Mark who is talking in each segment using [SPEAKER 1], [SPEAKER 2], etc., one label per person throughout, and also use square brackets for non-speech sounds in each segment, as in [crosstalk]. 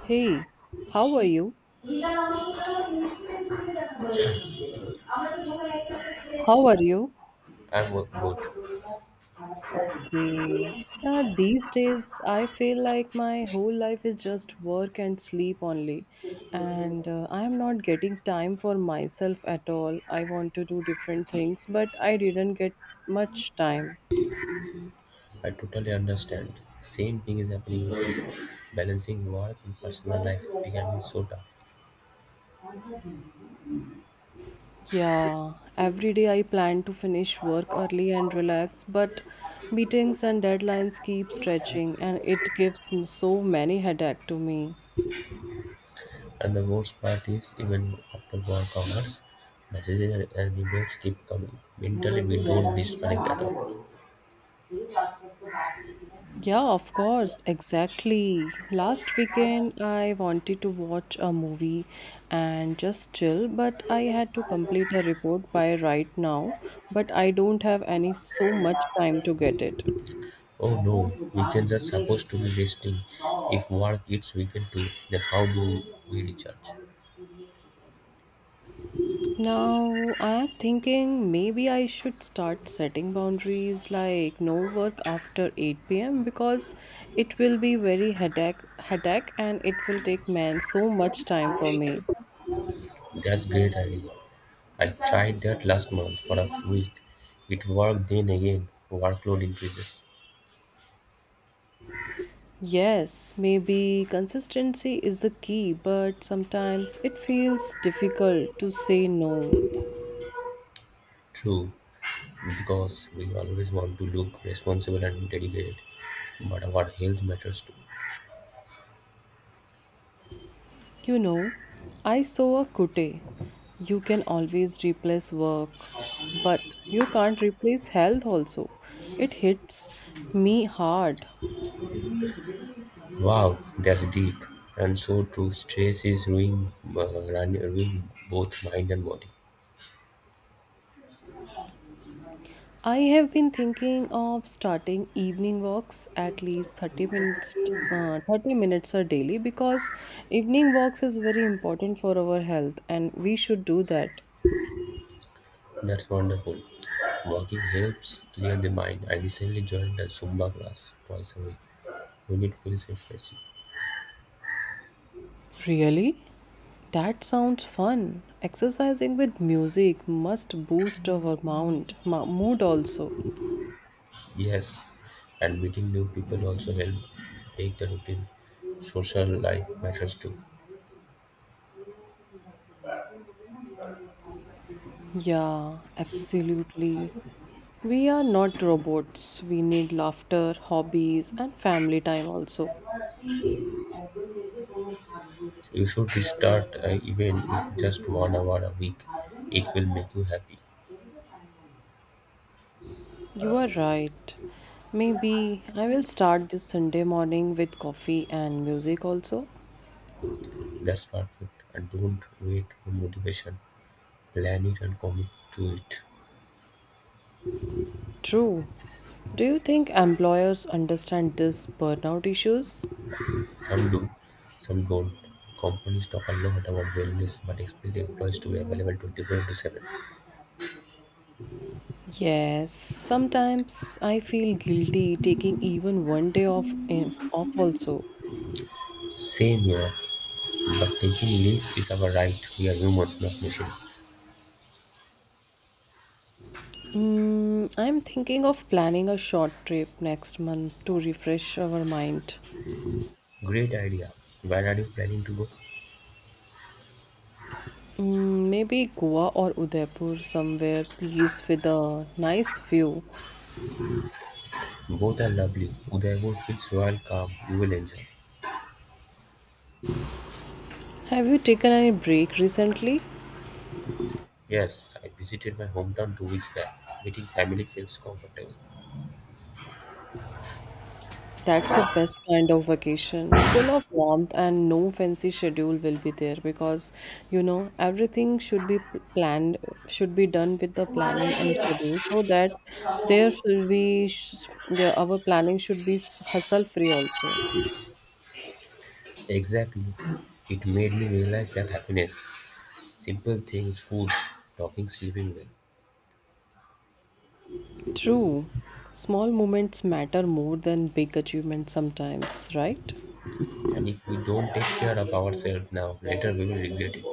[SPEAKER 1] Hey, how are
[SPEAKER 2] I'm
[SPEAKER 1] you? How are you?
[SPEAKER 2] good.
[SPEAKER 1] Okay. These days, I feel like my whole life is just work and sleep only. And I am not getting time for myself at all. I want to do different things, but I didn't get much time.
[SPEAKER 2] I totally understand. Same thing is happening with me. Balancing work and personal life is becoming so
[SPEAKER 1] Yeah, every day I plan to finish work early and relax, but meetings and deadlines keep stretching,
[SPEAKER 2] tough.
[SPEAKER 1] and it gives me so many headache to me.
[SPEAKER 2] And the worst part is, even after work hours, messages and emails keep coming. Mentally, we don't disconnect at all.
[SPEAKER 1] Yeah, of course, exactly. Last weekend, I wanted to watch a movie and just chill, but I had to complete a report by right now, but I don't have any so much time to get it.
[SPEAKER 2] Oh no, weekends are supposed to be resting. If work hits weekend too, then how do we recharge?
[SPEAKER 1] Now, I'm thinking maybe I should start setting boundaries like no work after 8 p.m. because it will be very headache, headache and it will take man so much time for me.
[SPEAKER 2] That's great idea. I tried that last month for a week. It worked then again workload increases.
[SPEAKER 1] Yes, maybe consistency is the key, but sometimes it feels difficult to say no.
[SPEAKER 2] True, because we always want to look responsible and dedicated, but our health matters too.
[SPEAKER 1] You know, I saw a quote: you can always replace work, but you can't replace health also. It hits me hard.
[SPEAKER 2] Wow, that's deep and so true. Stress is ruining both mind and body.
[SPEAKER 1] I have been thinking of starting evening walks at least 30 minutes a daily because evening walks is very important for our health and we should do that.
[SPEAKER 2] That's wonderful. Walking helps clear the mind. I recently joined a Zumba class twice a week when it feels refreshing.
[SPEAKER 1] Really? That sounds fun. Exercising with music must boost our mood also.
[SPEAKER 2] Yes, and meeting new people also help break the routine. Social life matters too.
[SPEAKER 1] Yeah, absolutely. We are not robots. We need laughter, hobbies, and family time also.
[SPEAKER 2] You should start even with just 1 hour a week. It will make you happy.
[SPEAKER 1] You are right. Maybe I will start this Sunday morning with coffee and music also.
[SPEAKER 2] That's perfect. And don't wait for motivation. Plan it and commit to it.
[SPEAKER 1] True. Do you think employers understand this burnout issues?
[SPEAKER 2] Some do, some don't. Companies talk a lot about wellness but expect employees to be available 24 into 7.
[SPEAKER 1] Yes, sometimes I feel guilty taking even one day off also.
[SPEAKER 2] Same here. But taking leave is our right, we are humans, not machines.
[SPEAKER 1] I'm thinking of planning a short trip next month to refresh our mind.
[SPEAKER 2] Great idea. Where are you planning to go?
[SPEAKER 1] Maybe Goa or Udaipur somewhere please with a nice view.
[SPEAKER 2] Both are lovely. Udaipur feels royal calm. You will enjoy.
[SPEAKER 1] Have you taken any break recently?
[SPEAKER 2] Yes, I visited my hometown 2 weeks back. Meeting family feels comfortable.
[SPEAKER 1] That's the best kind of vacation, full of warmth and no fancy schedule will be there because you know everything should be planned, should be done with the planning and schedule so that there will be the, our planning should be hustle free also.
[SPEAKER 2] Exactly. It made me realize that happiness, simple things, food, talking, sleeping well.
[SPEAKER 1] True, small moments matter more than big achievements sometimes, right?
[SPEAKER 2] And if we don't take care of ourselves now, later we will regret it.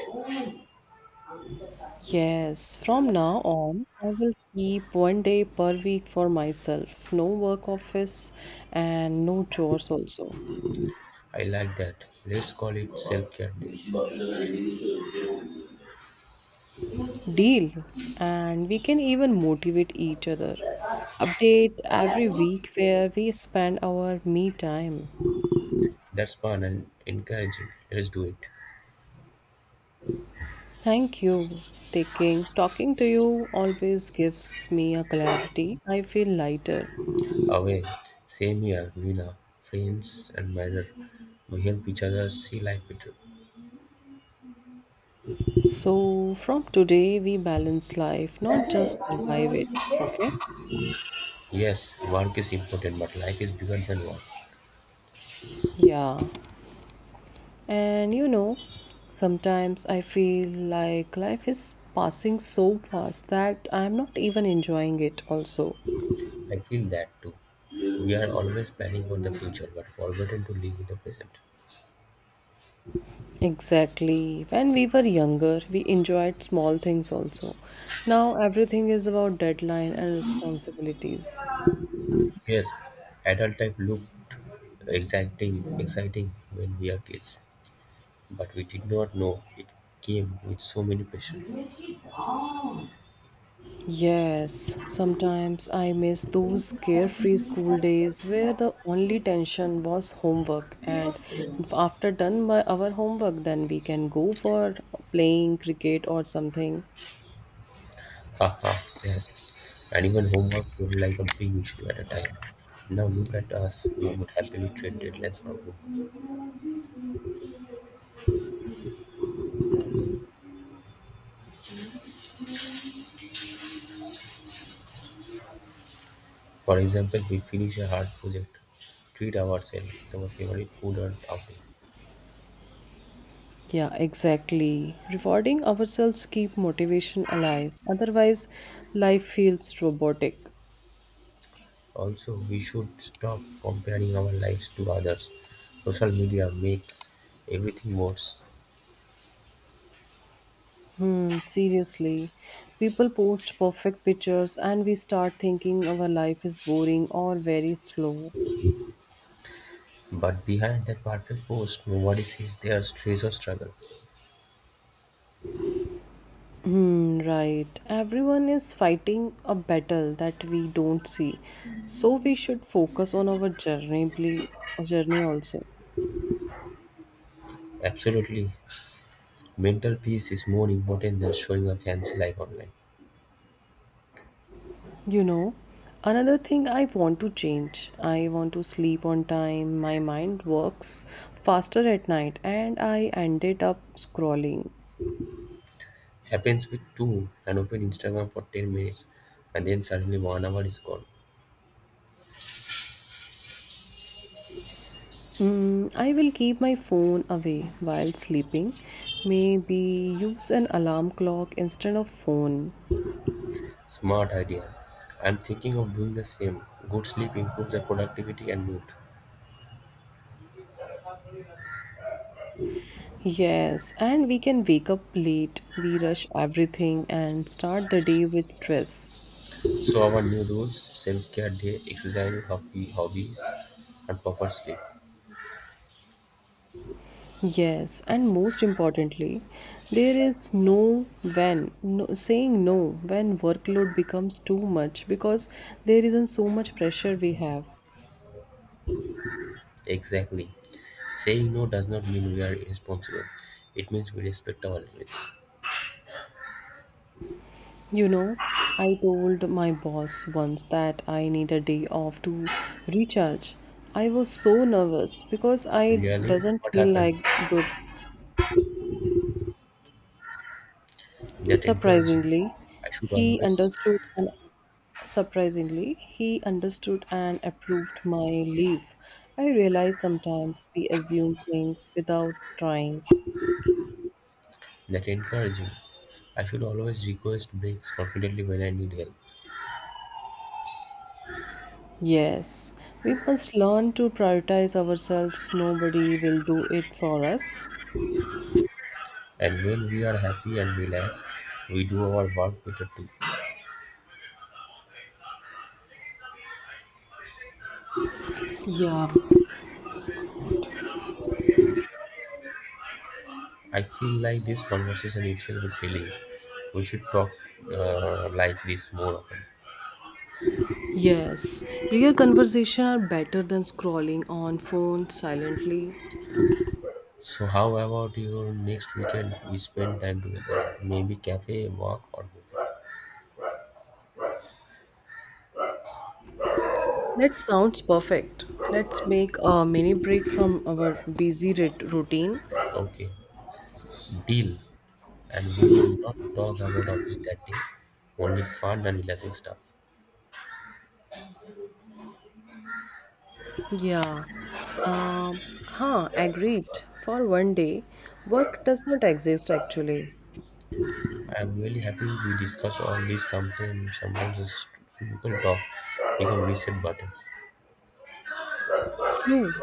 [SPEAKER 1] Yes, from now on, I will keep one day per week for myself. No work office and no chores also.
[SPEAKER 2] I like that. Let's call it self care day.
[SPEAKER 1] Deal. And we can even motivate each other. Update every week where we spend our me time.
[SPEAKER 2] That's fun and encouraging. Let's do it.
[SPEAKER 1] Thank you. Taking talking to you always gives me a clarity. I feel lighter.
[SPEAKER 2] Away. Same here, Lena. Friends and matter. We help each other see life better.
[SPEAKER 1] So from today we balance life, not just survive it. Okay?
[SPEAKER 2] Yes, work is important, but life is bigger than work.
[SPEAKER 1] Yeah. And sometimes I feel like life is passing so fast that I'm not even enjoying it, also.
[SPEAKER 2] I feel that too. We are always planning for the future, but forgotten to live in the present.
[SPEAKER 1] Exactly. When we were younger, we enjoyed small things also. Now everything is about deadline and responsibilities.
[SPEAKER 2] Yes, adult life looked exciting when we are kids. But we did not know it came with so many pressure.
[SPEAKER 1] Yes, sometimes I miss those carefree school days where the only tension was homework, and after done by our homework, then we can go for playing cricket or something.
[SPEAKER 2] Haha, yes. And even homework felt like a big issue at a time. Now look at us, we would happily trade deadlines for book. For example, we finish a hard project, treat ourselves with our favorite food or outing.
[SPEAKER 1] Yeah, exactly. Rewarding ourselves keep motivation alive. Otherwise, life feels robotic.
[SPEAKER 2] Also, we should stop comparing our lives to others. Social media makes everything worse.
[SPEAKER 1] Hmm, seriously. People post perfect pictures and we start thinking our life is boring or very slow.
[SPEAKER 2] But behind that perfect post, nobody sees their stress or struggle.
[SPEAKER 1] Hmm, right. Everyone is fighting a battle that we don't see. So we should focus on our journey also.
[SPEAKER 2] Absolutely. Mental peace is more important than showing a fancy life online.
[SPEAKER 1] You know, Another thing I want to change. I want to sleep on time. My mind works faster at night and I ended up scrolling.
[SPEAKER 2] Happens with two and open Instagram for 10 minutes and then suddenly 1 hour is gone.
[SPEAKER 1] I will keep my phone away while sleeping. Maybe use an alarm clock instead of phone.
[SPEAKER 2] Smart idea. I'm thinking of doing the same. Good sleep improves the productivity and mood.
[SPEAKER 1] Yes, and we can wake up late. We rush everything and start the day with stress.
[SPEAKER 2] So our new rules, self-care day, exercise, hobbies, and proper sleep.
[SPEAKER 1] Yes, and most importantly, there is no when, no, saying no when workload becomes too much because there isn't so much pressure we have.
[SPEAKER 2] Exactly. Saying no does not mean we are irresponsible. It means we respect our limits.
[SPEAKER 1] You know, I told my boss once that I need a day off to recharge. I was so nervous because I
[SPEAKER 2] Really?
[SPEAKER 1] doesn't
[SPEAKER 2] What
[SPEAKER 1] feel
[SPEAKER 2] happened?
[SPEAKER 1] like good.
[SPEAKER 2] That encouraging.
[SPEAKER 1] Surprisingly,
[SPEAKER 2] I should
[SPEAKER 1] he
[SPEAKER 2] always
[SPEAKER 1] understood and surprisingly, he understood and approved my leave. I realize sometimes we assume things without trying.
[SPEAKER 2] that encouraging. I should always request breaks confidently when I need help.
[SPEAKER 1] Yes, we must learn to prioritize ourselves. Nobody will do it for us.
[SPEAKER 2] And when we are happy and relaxed, we do our work better too.
[SPEAKER 1] Yeah,
[SPEAKER 2] I feel like this conversation itself is healing. We should talk like this more often.
[SPEAKER 1] yes. Real conversation are better than scrolling on phone silently.
[SPEAKER 2] So how about your next weekend we spend time together? Maybe cafe, walk or movie.
[SPEAKER 1] That sounds perfect. Let's make a mini break from our busy routine.
[SPEAKER 2] Okay. Deal, and we will not talk about office that day, only fun and relaxing stuff.
[SPEAKER 1] Yeah. Um, Agreed. For one day, work does not exist actually.
[SPEAKER 2] I am really happy we discussed all this something sometimes this simple talk become reset button.
[SPEAKER 1] True.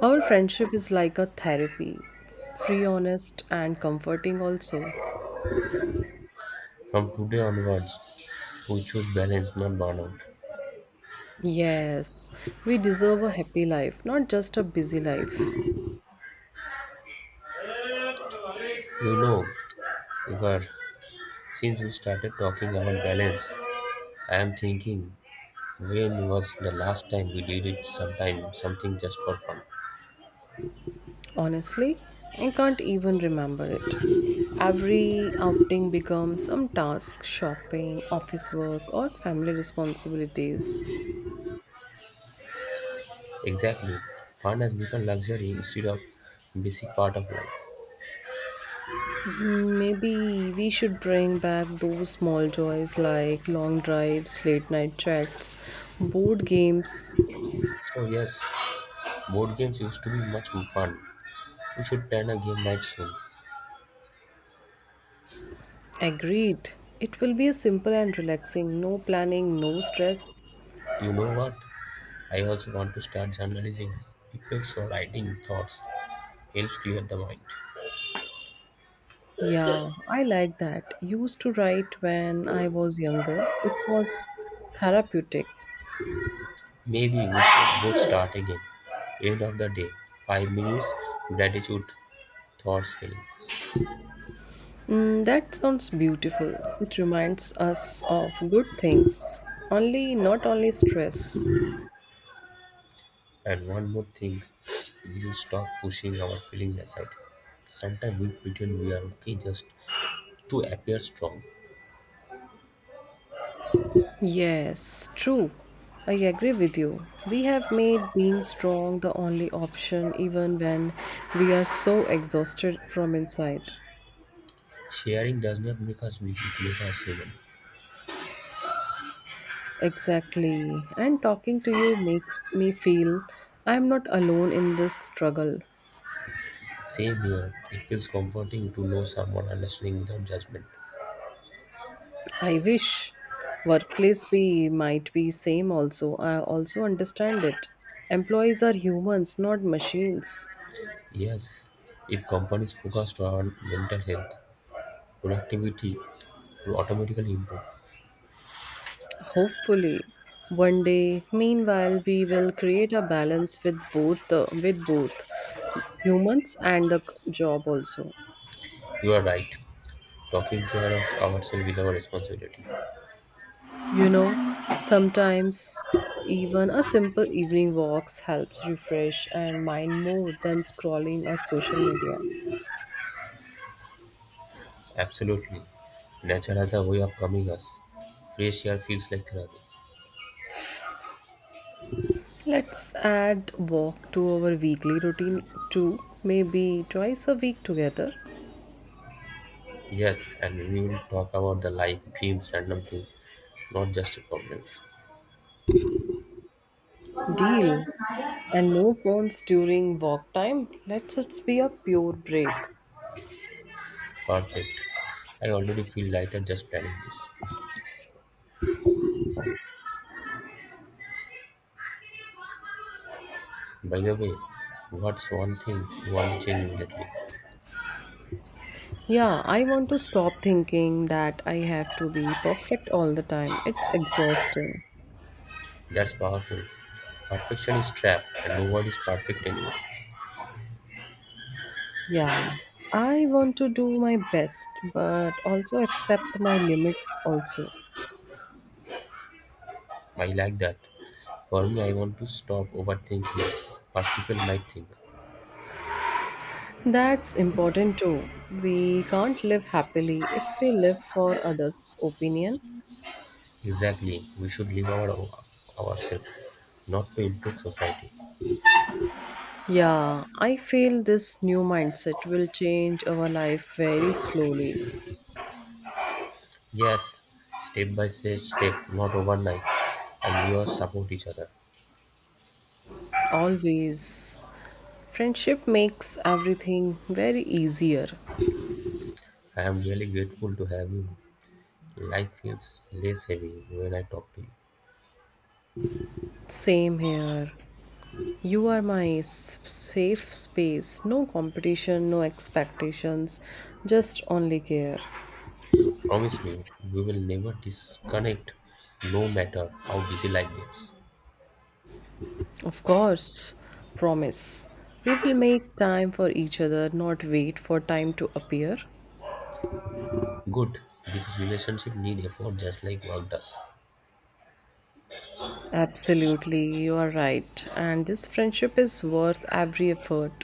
[SPEAKER 1] Our friendship is like a therapy, free, honest, and comforting also.
[SPEAKER 2] From today onwards, we choose balance, not burnout.
[SPEAKER 1] Yes, we deserve a happy life, not just a busy life.
[SPEAKER 2] You know, Ivar, since we started talking about balance, I am thinking when was the last time we did it something just for fun?
[SPEAKER 1] Honestly, I can't even remember it. Every outing becomes some task shopping, office work, or family responsibilities.
[SPEAKER 2] Exactly. Fun has become luxury instead of basic part of life.
[SPEAKER 1] Maybe we should bring back those small joys like long drives, late night chats, board games.
[SPEAKER 2] Oh yes, board games used to be much more fun. We should plan a game night soon.
[SPEAKER 1] Agreed. It will be a simple and relaxing, no planning, no stress.
[SPEAKER 2] You know what? I also want to start journalizing people's or writing thoughts. Helps clear the mind.
[SPEAKER 1] Yeah, I like that. Used to write when I was younger. It was therapeutic.
[SPEAKER 2] Maybe we should both start again. End of the day, 5 minutes, gratitude, thoughts, feelings.
[SPEAKER 1] That sounds beautiful. It reminds us of good things. Only not only stress.
[SPEAKER 2] And one more thing, we should stop pushing our feelings aside. Sometimes we pretend we are okay just to appear strong.
[SPEAKER 1] Yes, true. I agree with you. We have made being strong the only option even when we are so exhausted from inside.
[SPEAKER 2] Sharing does not make us weak, it makes us human.
[SPEAKER 1] Exactly. And talking to you makes me feel I'm not alone in this struggle.
[SPEAKER 2] Same here. It feels comforting to know someone understanding without judgment.
[SPEAKER 1] I wish workplace be might be same also. I also understand it. Employees are humans, not machines.
[SPEAKER 2] Yes, if companies focused on mental health, productivity will automatically improve.
[SPEAKER 1] Hopefully, one day. Meanwhile, we will create a balance with both the with both humans and the job also.
[SPEAKER 2] You are right. Taking care of ourselves is our responsibility.
[SPEAKER 1] You know, Sometimes even a simple evening walks helps refresh and mind more than scrolling on social media.
[SPEAKER 2] Absolutely. Nature has a way of calming us. Fresh air feels like therapy.
[SPEAKER 1] Let's add walk to our weekly routine too. Maybe twice a week together.
[SPEAKER 2] Yes, and we will talk about the life, dreams, random things, not just problems.
[SPEAKER 1] Deal. And no phones during walk time. Let's just be a pure break.
[SPEAKER 2] Perfect. I already feel lighter just planning this. By the way, what's one thing you want to change immediately?
[SPEAKER 1] Yeah, I want to stop thinking that I have to be perfect all the time. It's exhausting.
[SPEAKER 2] That's powerful. Perfection is trap and no one is perfect anymore.
[SPEAKER 1] Yeah. I want to do my best, but also accept my limits also.
[SPEAKER 2] I like that. For me, I want to stop overthinking what people might think.
[SPEAKER 1] That's important too. We can't live happily if we live for others' opinion.
[SPEAKER 2] Exactly, we should live our ourselves, not to impress society.
[SPEAKER 1] Yeah, I feel this new mindset will change our life very slowly.
[SPEAKER 2] Yes, step by step, not overnight. And we all support each other.
[SPEAKER 1] Always. Friendship makes everything very easier.
[SPEAKER 2] I am really grateful to have you. Life feels less heavy when I talk to you.
[SPEAKER 1] Same here. You are my safe space. No competition, no expectations, just only care.
[SPEAKER 2] Promise me we will never disconnect no matter how busy life gets.
[SPEAKER 1] Of course, promise. We will make time for each other, not wait for time to appear.
[SPEAKER 2] Good, because relationship need effort just like work does.
[SPEAKER 1] Absolutely, you are right. And this friendship is worth every effort.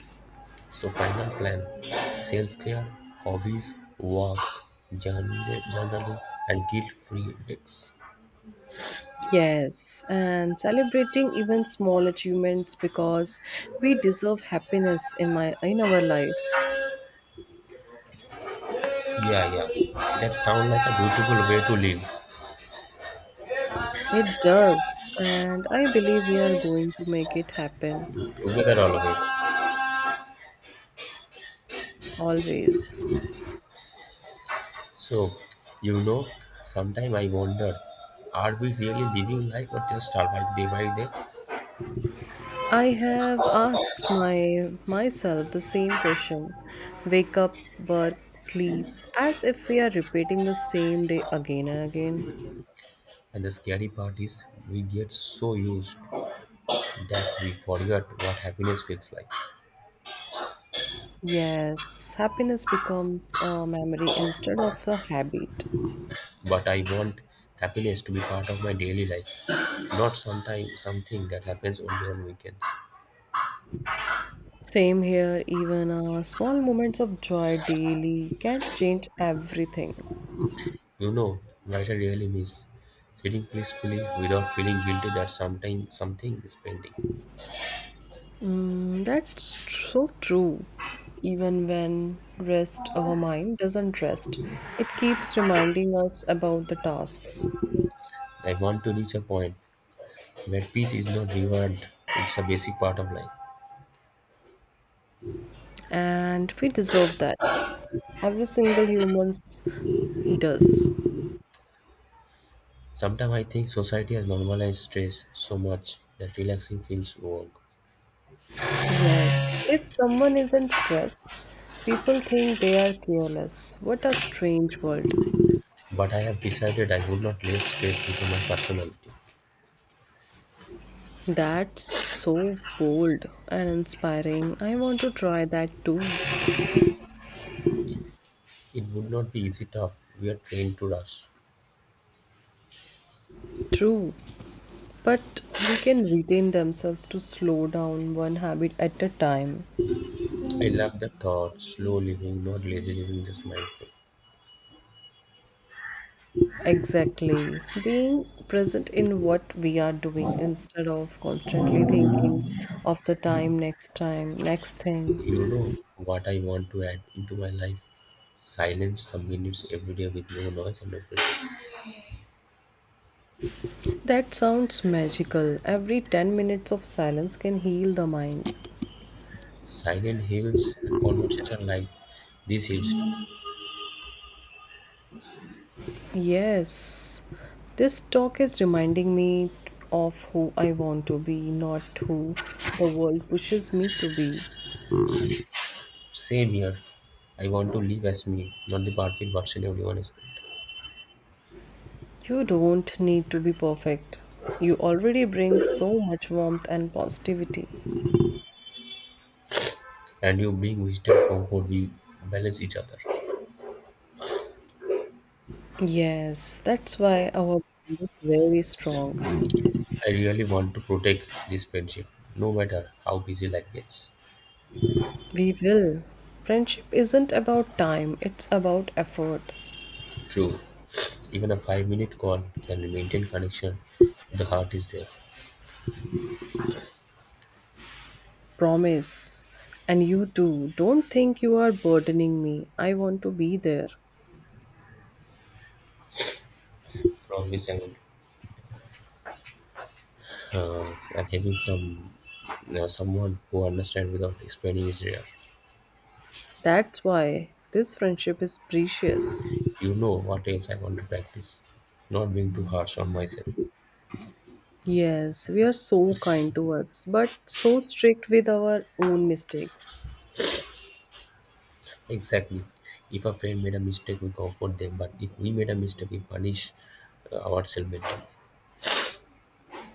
[SPEAKER 2] So final plan, self-care, hobbies, walks, journaling and guilt-free dates.
[SPEAKER 1] Yes, and celebrating even small achievements because we deserve happiness in my in our life.
[SPEAKER 2] Yeah, yeah, that sounds like a beautiful way to live
[SPEAKER 1] It does, and I believe we are going to make it happen
[SPEAKER 2] together all of us.
[SPEAKER 1] always.
[SPEAKER 2] So, you know, sometimes I wonder, are we really living life or just survive day by day?
[SPEAKER 1] I have asked my myself the same question. Wake up, work, sleep, as if we are repeating the same day again and again.
[SPEAKER 2] And the scary part is, we get so used that we forget what happiness feels like.
[SPEAKER 1] Yes, happiness becomes a memory instead of a habit.
[SPEAKER 2] But I want happiness to be part of my daily life, not sometime something that happens only on weekends.
[SPEAKER 1] Same here, even small moments of joy daily can change everything.
[SPEAKER 2] You know, what I really miss sitting peacefully without feeling guilty that sometime something is pending.
[SPEAKER 1] That's so true. Even when rest, our mind doesn't rest. It keeps reminding us about the tasks,
[SPEAKER 2] I want to reach a point where peace is not reward; it's a basic part of life.
[SPEAKER 1] and we deserve that. Every single human does.
[SPEAKER 2] Sometimes I think society has normalized stress so much that relaxing feels wrong.
[SPEAKER 1] Yes. If someone isn't stressed, people think they are careless. What a strange world.
[SPEAKER 2] But I have decided I would not let stress become my personality.
[SPEAKER 1] That's so bold and inspiring. I want to try that too.
[SPEAKER 2] It would not be easy tough. We are trained to rush.
[SPEAKER 1] True. But we can retain themselves to slow down one habit at a time.
[SPEAKER 2] I love the thought, slow living, not lazy living, just mindful.
[SPEAKER 1] Exactly. Being present in what we are doing instead of constantly thinking of the time, next
[SPEAKER 2] You
[SPEAKER 1] thing.
[SPEAKER 2] know what I want to add into my life? Silence some minutes every day with no noise and no pressure.
[SPEAKER 1] That sounds magical. Every 10 minutes of silence can heal the mind.
[SPEAKER 2] Silent hills, conversation like these hills too.
[SPEAKER 1] Yes. This talk is reminding me of who I want to be, not who the world pushes me to be.
[SPEAKER 2] Same here. I want to live as me, not the perfect version everyone expects.
[SPEAKER 1] You don't need to be perfect. You already bring so much warmth and positivity.
[SPEAKER 2] And you bring wisdom, comfort, we balance each other.
[SPEAKER 1] Yes, that's why our bond is very strong.
[SPEAKER 2] I really want to protect this friendship, no matter how busy life gets.
[SPEAKER 1] We will. Friendship isn't about time, it's about effort.
[SPEAKER 2] True, even a 5 minute call can maintain connection if the heart is there.
[SPEAKER 1] Promise. And you too. Don't think you are burdening me. I want to be there.
[SPEAKER 2] From this angle? And having someone who understands without explaining is rare.
[SPEAKER 1] That's why this friendship is precious.
[SPEAKER 2] You know what else I want to practice? Not being too harsh on myself.
[SPEAKER 1] Yes, we are so kind to us, but so strict with our own mistakes.
[SPEAKER 2] Exactly. If a friend made a mistake, we comfort them, but if we made a mistake, we punish ourselves mentally.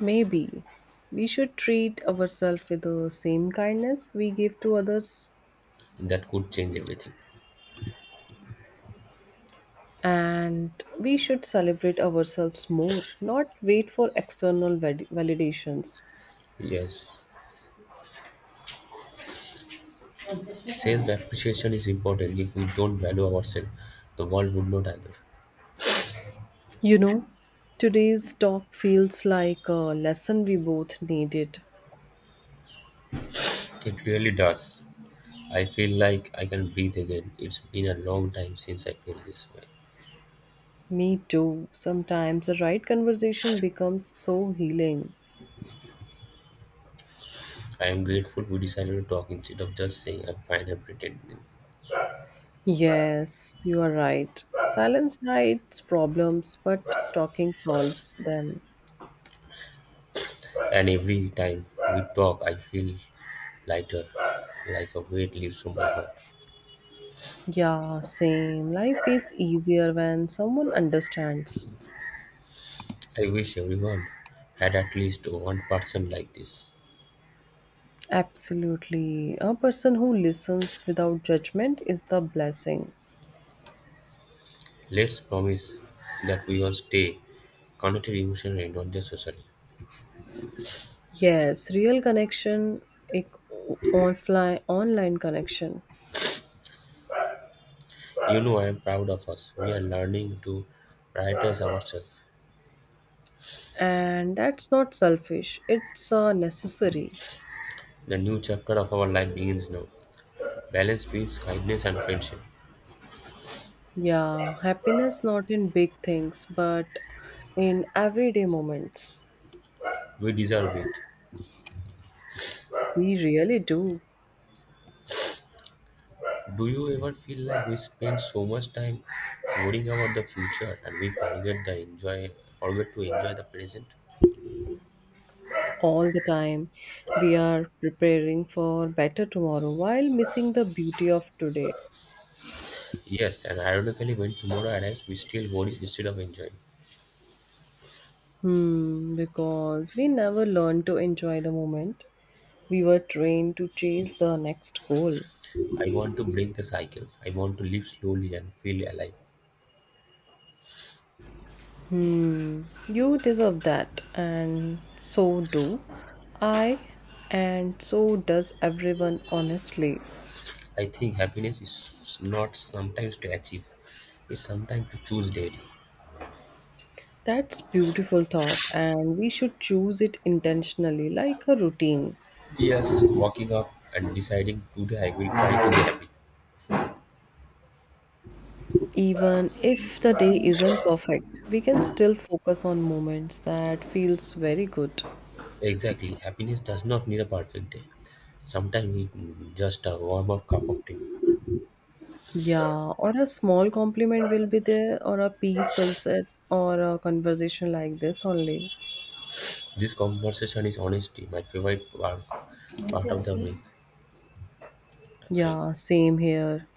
[SPEAKER 1] Maybe we should treat ourselves with the same kindness we give to others,
[SPEAKER 2] That could change everything.
[SPEAKER 1] and we should celebrate ourselves more, not wait for external validations.
[SPEAKER 2] Yes. Self appreciation is important. If we don't value ourselves, the world would not either.
[SPEAKER 1] You know, Today's talk feels like a lesson we both needed.
[SPEAKER 2] It really does. I feel like I can breathe again. It's been a long time since I feel this way.
[SPEAKER 1] Me too. Sometimes the right conversation becomes so healing.
[SPEAKER 2] I am grateful we decided to talk instead of just saying I'm fine and pretending.
[SPEAKER 1] Yes, you are right. Silence hides problems, but talking solves them.
[SPEAKER 2] And every time we talk, I feel lighter, like a weight lifts from my heart.
[SPEAKER 1] Yeah, same. Life feels easier when someone understands.
[SPEAKER 2] I wish everyone had at least one person like this.
[SPEAKER 1] Absolutely. A person who listens without judgment is the blessing.
[SPEAKER 2] Let's promise that we all stay connected emotionally, not just socially.
[SPEAKER 1] Yes, real connection, ek offline, online connection.
[SPEAKER 2] You know, I am proud of us. We are learning to prioritize ourselves.
[SPEAKER 1] And that's not selfish, it's necessary.
[SPEAKER 2] The new chapter of our life begins now. Balance, peace, kindness, and friendship.
[SPEAKER 1] Yeah, happiness not in big things, but in everyday moments.
[SPEAKER 2] We deserve it.
[SPEAKER 1] We really do.
[SPEAKER 2] Do you ever feel like we spend so much time worrying about the future and we forget to enjoy the present?
[SPEAKER 1] All the time. We are preparing for better tomorrow while missing the beauty of today.
[SPEAKER 2] Yes, and ironically, when tomorrow arrives, we still worry instead of enjoying.
[SPEAKER 1] Because we never learn to enjoy the moment. We were trained to chase the next goal.
[SPEAKER 2] I want to break the cycle. I want to live slowly and feel alive.
[SPEAKER 1] You deserve that, and so do I, and so does everyone, honestly.
[SPEAKER 2] I think happiness is not sometimes to achieve, it's sometimes to choose daily.
[SPEAKER 1] That's beautiful thought, and we should choose it intentionally like a routine.
[SPEAKER 2] Yes, waking up and deciding today I will try to be happy.
[SPEAKER 1] Even if the day isn't perfect, we can still focus on moments that feels very good.
[SPEAKER 2] Exactly, happiness does not need a perfect day. Sometimes it just a warm up cup of tea.
[SPEAKER 1] Yeah, or a small compliment will be there, or a peace sunset, or a conversation like this only.
[SPEAKER 2] This conversation is honesty, my favorite part of the week. Line.
[SPEAKER 1] Yeah, same here.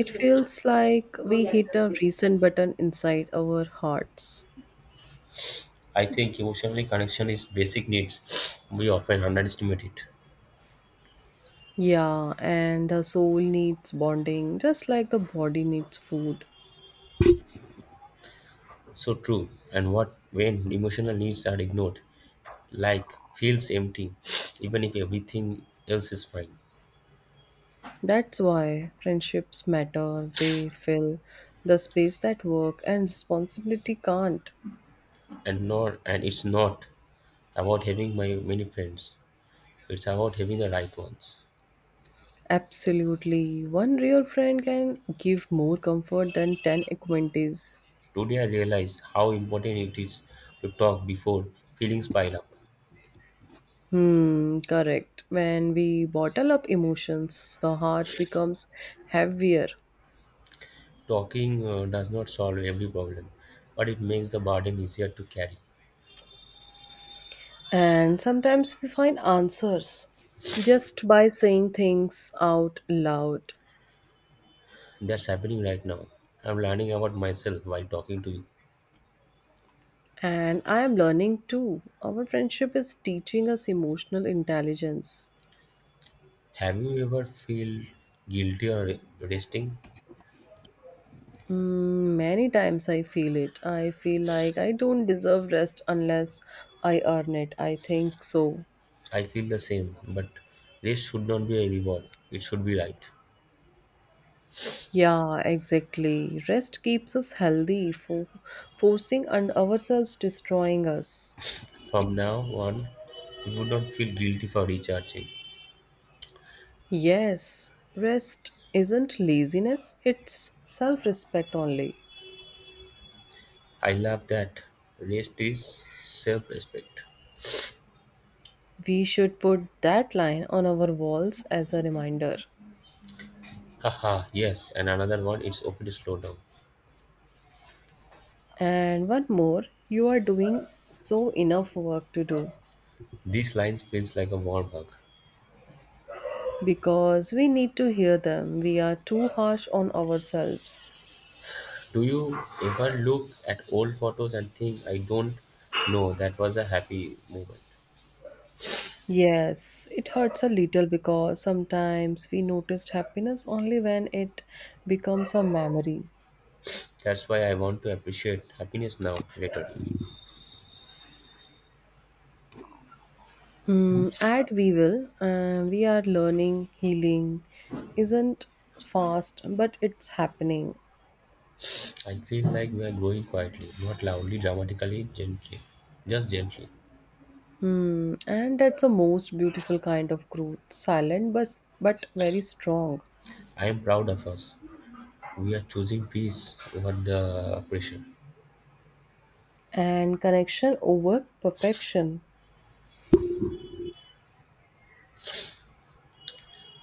[SPEAKER 1] It feels like we hit a reset button inside our hearts.
[SPEAKER 2] I think emotionally connection is basic needs. We often underestimate it.
[SPEAKER 1] Yeah, and the soul needs bonding just like the body needs food.
[SPEAKER 2] So true. And what when emotional needs are ignored, like feels empty [sniffs] even if everything else is fine
[SPEAKER 1] That's why friendships matter. They fill the space that work and responsibility can't.
[SPEAKER 2] and it's not about having my many friends it's about having the right ones
[SPEAKER 1] Absolutely. One real friend can give more comfort than 10 acquaintances.
[SPEAKER 2] today I realized how important it is to talk before feelings pile up
[SPEAKER 1] Hmm, correct. When we bottle up emotions, the heart becomes heavier.
[SPEAKER 2] talking does not solve every problem but it makes the burden easier to carry
[SPEAKER 1] And sometimes we find answers just by saying things out loud.
[SPEAKER 2] that's happening right now I'm learning about myself while talking to you
[SPEAKER 1] And I am learning too. Our friendship is teaching us emotional intelligence.
[SPEAKER 2] have you ever feel guilty or resting
[SPEAKER 1] Mm, many times I feel it. I feel like I don't deserve rest unless I earn it. I think so.
[SPEAKER 2] I feel the same, but rest should not be a reward. It should be right.
[SPEAKER 1] Yeah, exactly. Rest keeps us healthy, for forcing and ourselves destroying us.
[SPEAKER 2] From now on, you would not feel guilty for recharging.
[SPEAKER 1] Yes, rest isn't laziness, it's self respect only.
[SPEAKER 2] I love that. Rest is self respect.
[SPEAKER 1] We should put that line on our walls as a reminder.
[SPEAKER 2] Haha, yes, and another one it's okay to slow down.
[SPEAKER 1] And one more, you are doing so enough work to do
[SPEAKER 2] These lines feels like a warm hug.
[SPEAKER 1] because we need to hear them. We are too harsh on ourselves.
[SPEAKER 2] Do you ever look at old photos and think I don't know that was a happy moment?
[SPEAKER 1] Yes, it hurts a little because sometimes we noticed happiness only when it becomes a memory.
[SPEAKER 2] That's why I want to appreciate happiness now, later.
[SPEAKER 1] Mm, at We Will, we are learning healing isn't fast, but it's happening.
[SPEAKER 2] I feel like we are growing quietly, not loudly, dramatically, gently, just gently.
[SPEAKER 1] Hmm, and that's the most beautiful kind of growth, silent but very strong.
[SPEAKER 2] I am proud of us. We are choosing peace over the pressure.
[SPEAKER 1] And connection over perfection.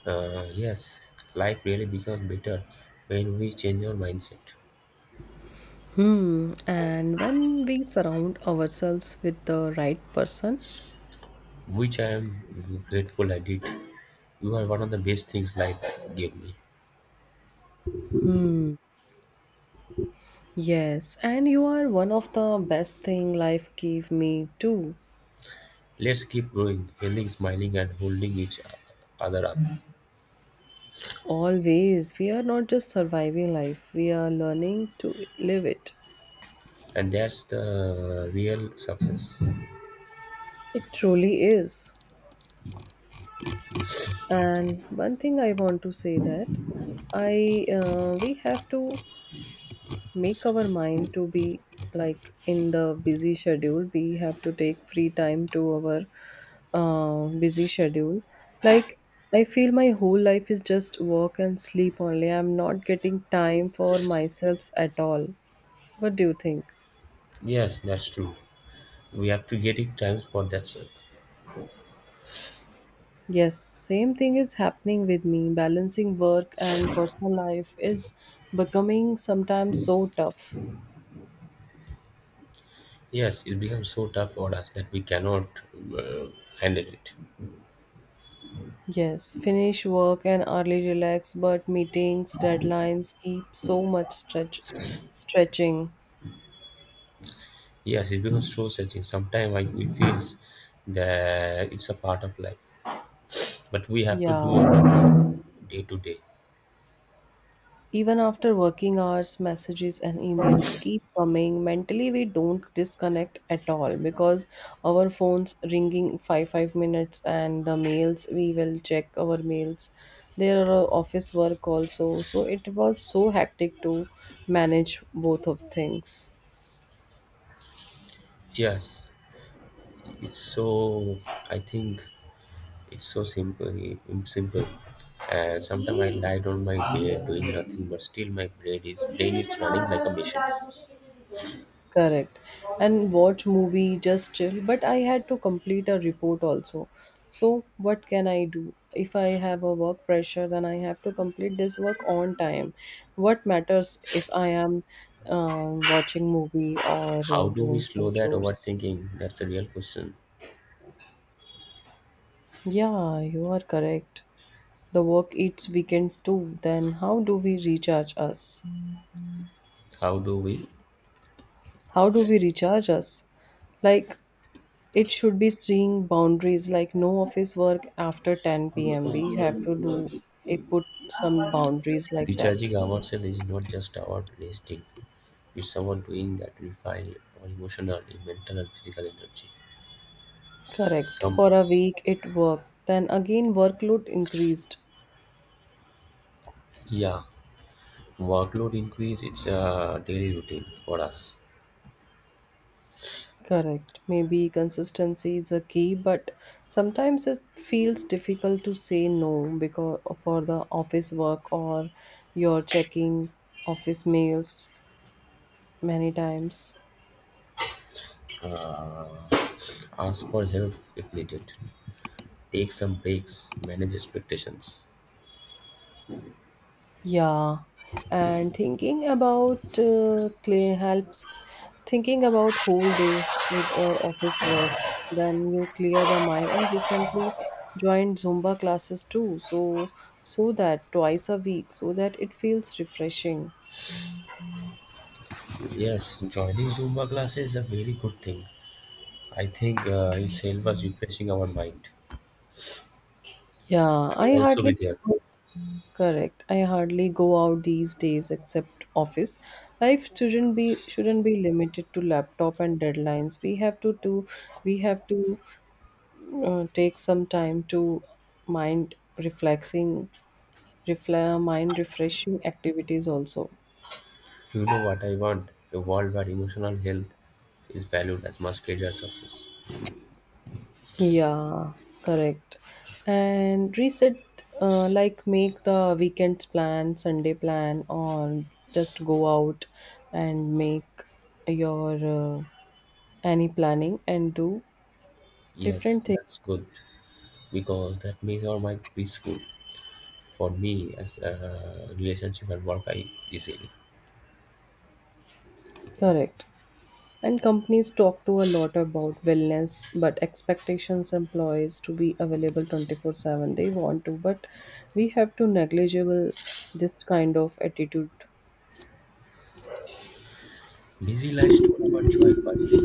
[SPEAKER 2] Yes, life really becomes better when we change our mindset,
[SPEAKER 1] Hmm. And when we surround ourselves with the right person,
[SPEAKER 2] which I am grateful I did. You are one of the best things life gave me.
[SPEAKER 1] hmm. Yes, and you are one of the best thing life gave me too.
[SPEAKER 2] Let's keep growing, healing, smiling, and holding each other up.
[SPEAKER 1] Always, we are not just surviving life; we are learning to live it.
[SPEAKER 2] And that's the real success.
[SPEAKER 1] It truly is. And one thing I want to say that I we have to make our mind to be like in the busy schedule we have to take free time to our busy schedule like I feel my whole life is just work and sleep only. I'm not getting time for myself at all. What do you think?
[SPEAKER 2] Yes, that's true. We have to get it times for that, sir.
[SPEAKER 1] Yes, same thing is happening with me. Balancing work and personal life is becoming sometimes so tough.
[SPEAKER 2] Yes, it becomes so tough for us that we cannot uh, handle it.
[SPEAKER 1] Yes, finish work and early relax, but meetings, deadlines keep so much stretching.
[SPEAKER 2] Yes, it becomes so searching. Sometimes like we feels that it's a part of life, but we have to do
[SPEAKER 1] Yeah.
[SPEAKER 2] it day to day.
[SPEAKER 1] Even after working hours, messages and emails keep coming. Mentally, we don't disconnect at all because our phones ringing five minutes and the mails we will check our mails. There are office work also, so it was so hectic to manage both of things.
[SPEAKER 2] Yes, it's so. I think it's so simple. It's simple. And sometimes I lied on my bed doing nothing, but still my brain is running like a machine.
[SPEAKER 1] Correct. And watch movie, just chill. But I had to complete a report also. So what can I do? If I have a work pressure, then I have to complete this work on time. What matters if I am watching movie or
[SPEAKER 2] How do we
[SPEAKER 1] doing
[SPEAKER 2] slow
[SPEAKER 1] some
[SPEAKER 2] that
[SPEAKER 1] chores?
[SPEAKER 2] overthinking? That's a real question.
[SPEAKER 1] Yeah, you are correct. The work eats weekend too. Then how do we recharge us?
[SPEAKER 2] How do we?
[SPEAKER 1] How do we recharge us? Like it should be seeing boundaries like no office work after 10 p.m. We have to do it, put some boundaries like that.
[SPEAKER 2] Recharging ourselves is not just about resting, it's about doing that refine our emotional, mental, and physical energy.
[SPEAKER 1] Correct.
[SPEAKER 2] Some,
[SPEAKER 1] For a week it worked. Then again workload increased.
[SPEAKER 2] yeah, workload increase, it's a daily routine for us.
[SPEAKER 1] Correct. Maybe consistency is a key, but sometimes it feels difficult to say no because for the office work or you're checking office mails many times.
[SPEAKER 2] Uh, Ask for help if needed, take some breaks, manage expectations.
[SPEAKER 1] Yeah, and thinking about clay helps thinking about whole day with your office work. Then you clear the mind. And recently joined Zumba classes too, so that twice a week, so that it feels refreshing.
[SPEAKER 2] Yes, joining Zumba classes is a very good thing. I think it's help us refreshing our mind.
[SPEAKER 1] Yeah,
[SPEAKER 2] I
[SPEAKER 1] I
[SPEAKER 2] also be
[SPEAKER 1] hardly
[SPEAKER 2] there.
[SPEAKER 1] correct. I hardly go out these days except office. Life shouldn't be limited to laptop and deadlines. We have to do. We have to take some time to mind reflexing mind refreshing activities also.
[SPEAKER 2] You know what I want? A world where emotional health is valued as much as career success.
[SPEAKER 1] Yeah, correct. And reset like make the weekends plan Sunday plan or just go out and make your uh, any planning and do
[SPEAKER 2] Yes,
[SPEAKER 1] different things.
[SPEAKER 2] that's good because that makes our mind peaceful. For me, as a relationship and work, I easily.
[SPEAKER 1] Correct. And companies talk to a lot about wellness, but expectations employees to be available 24/7 they want to, but we have to negligible this kind of attitude.
[SPEAKER 2] Busy lives store our joy quietly,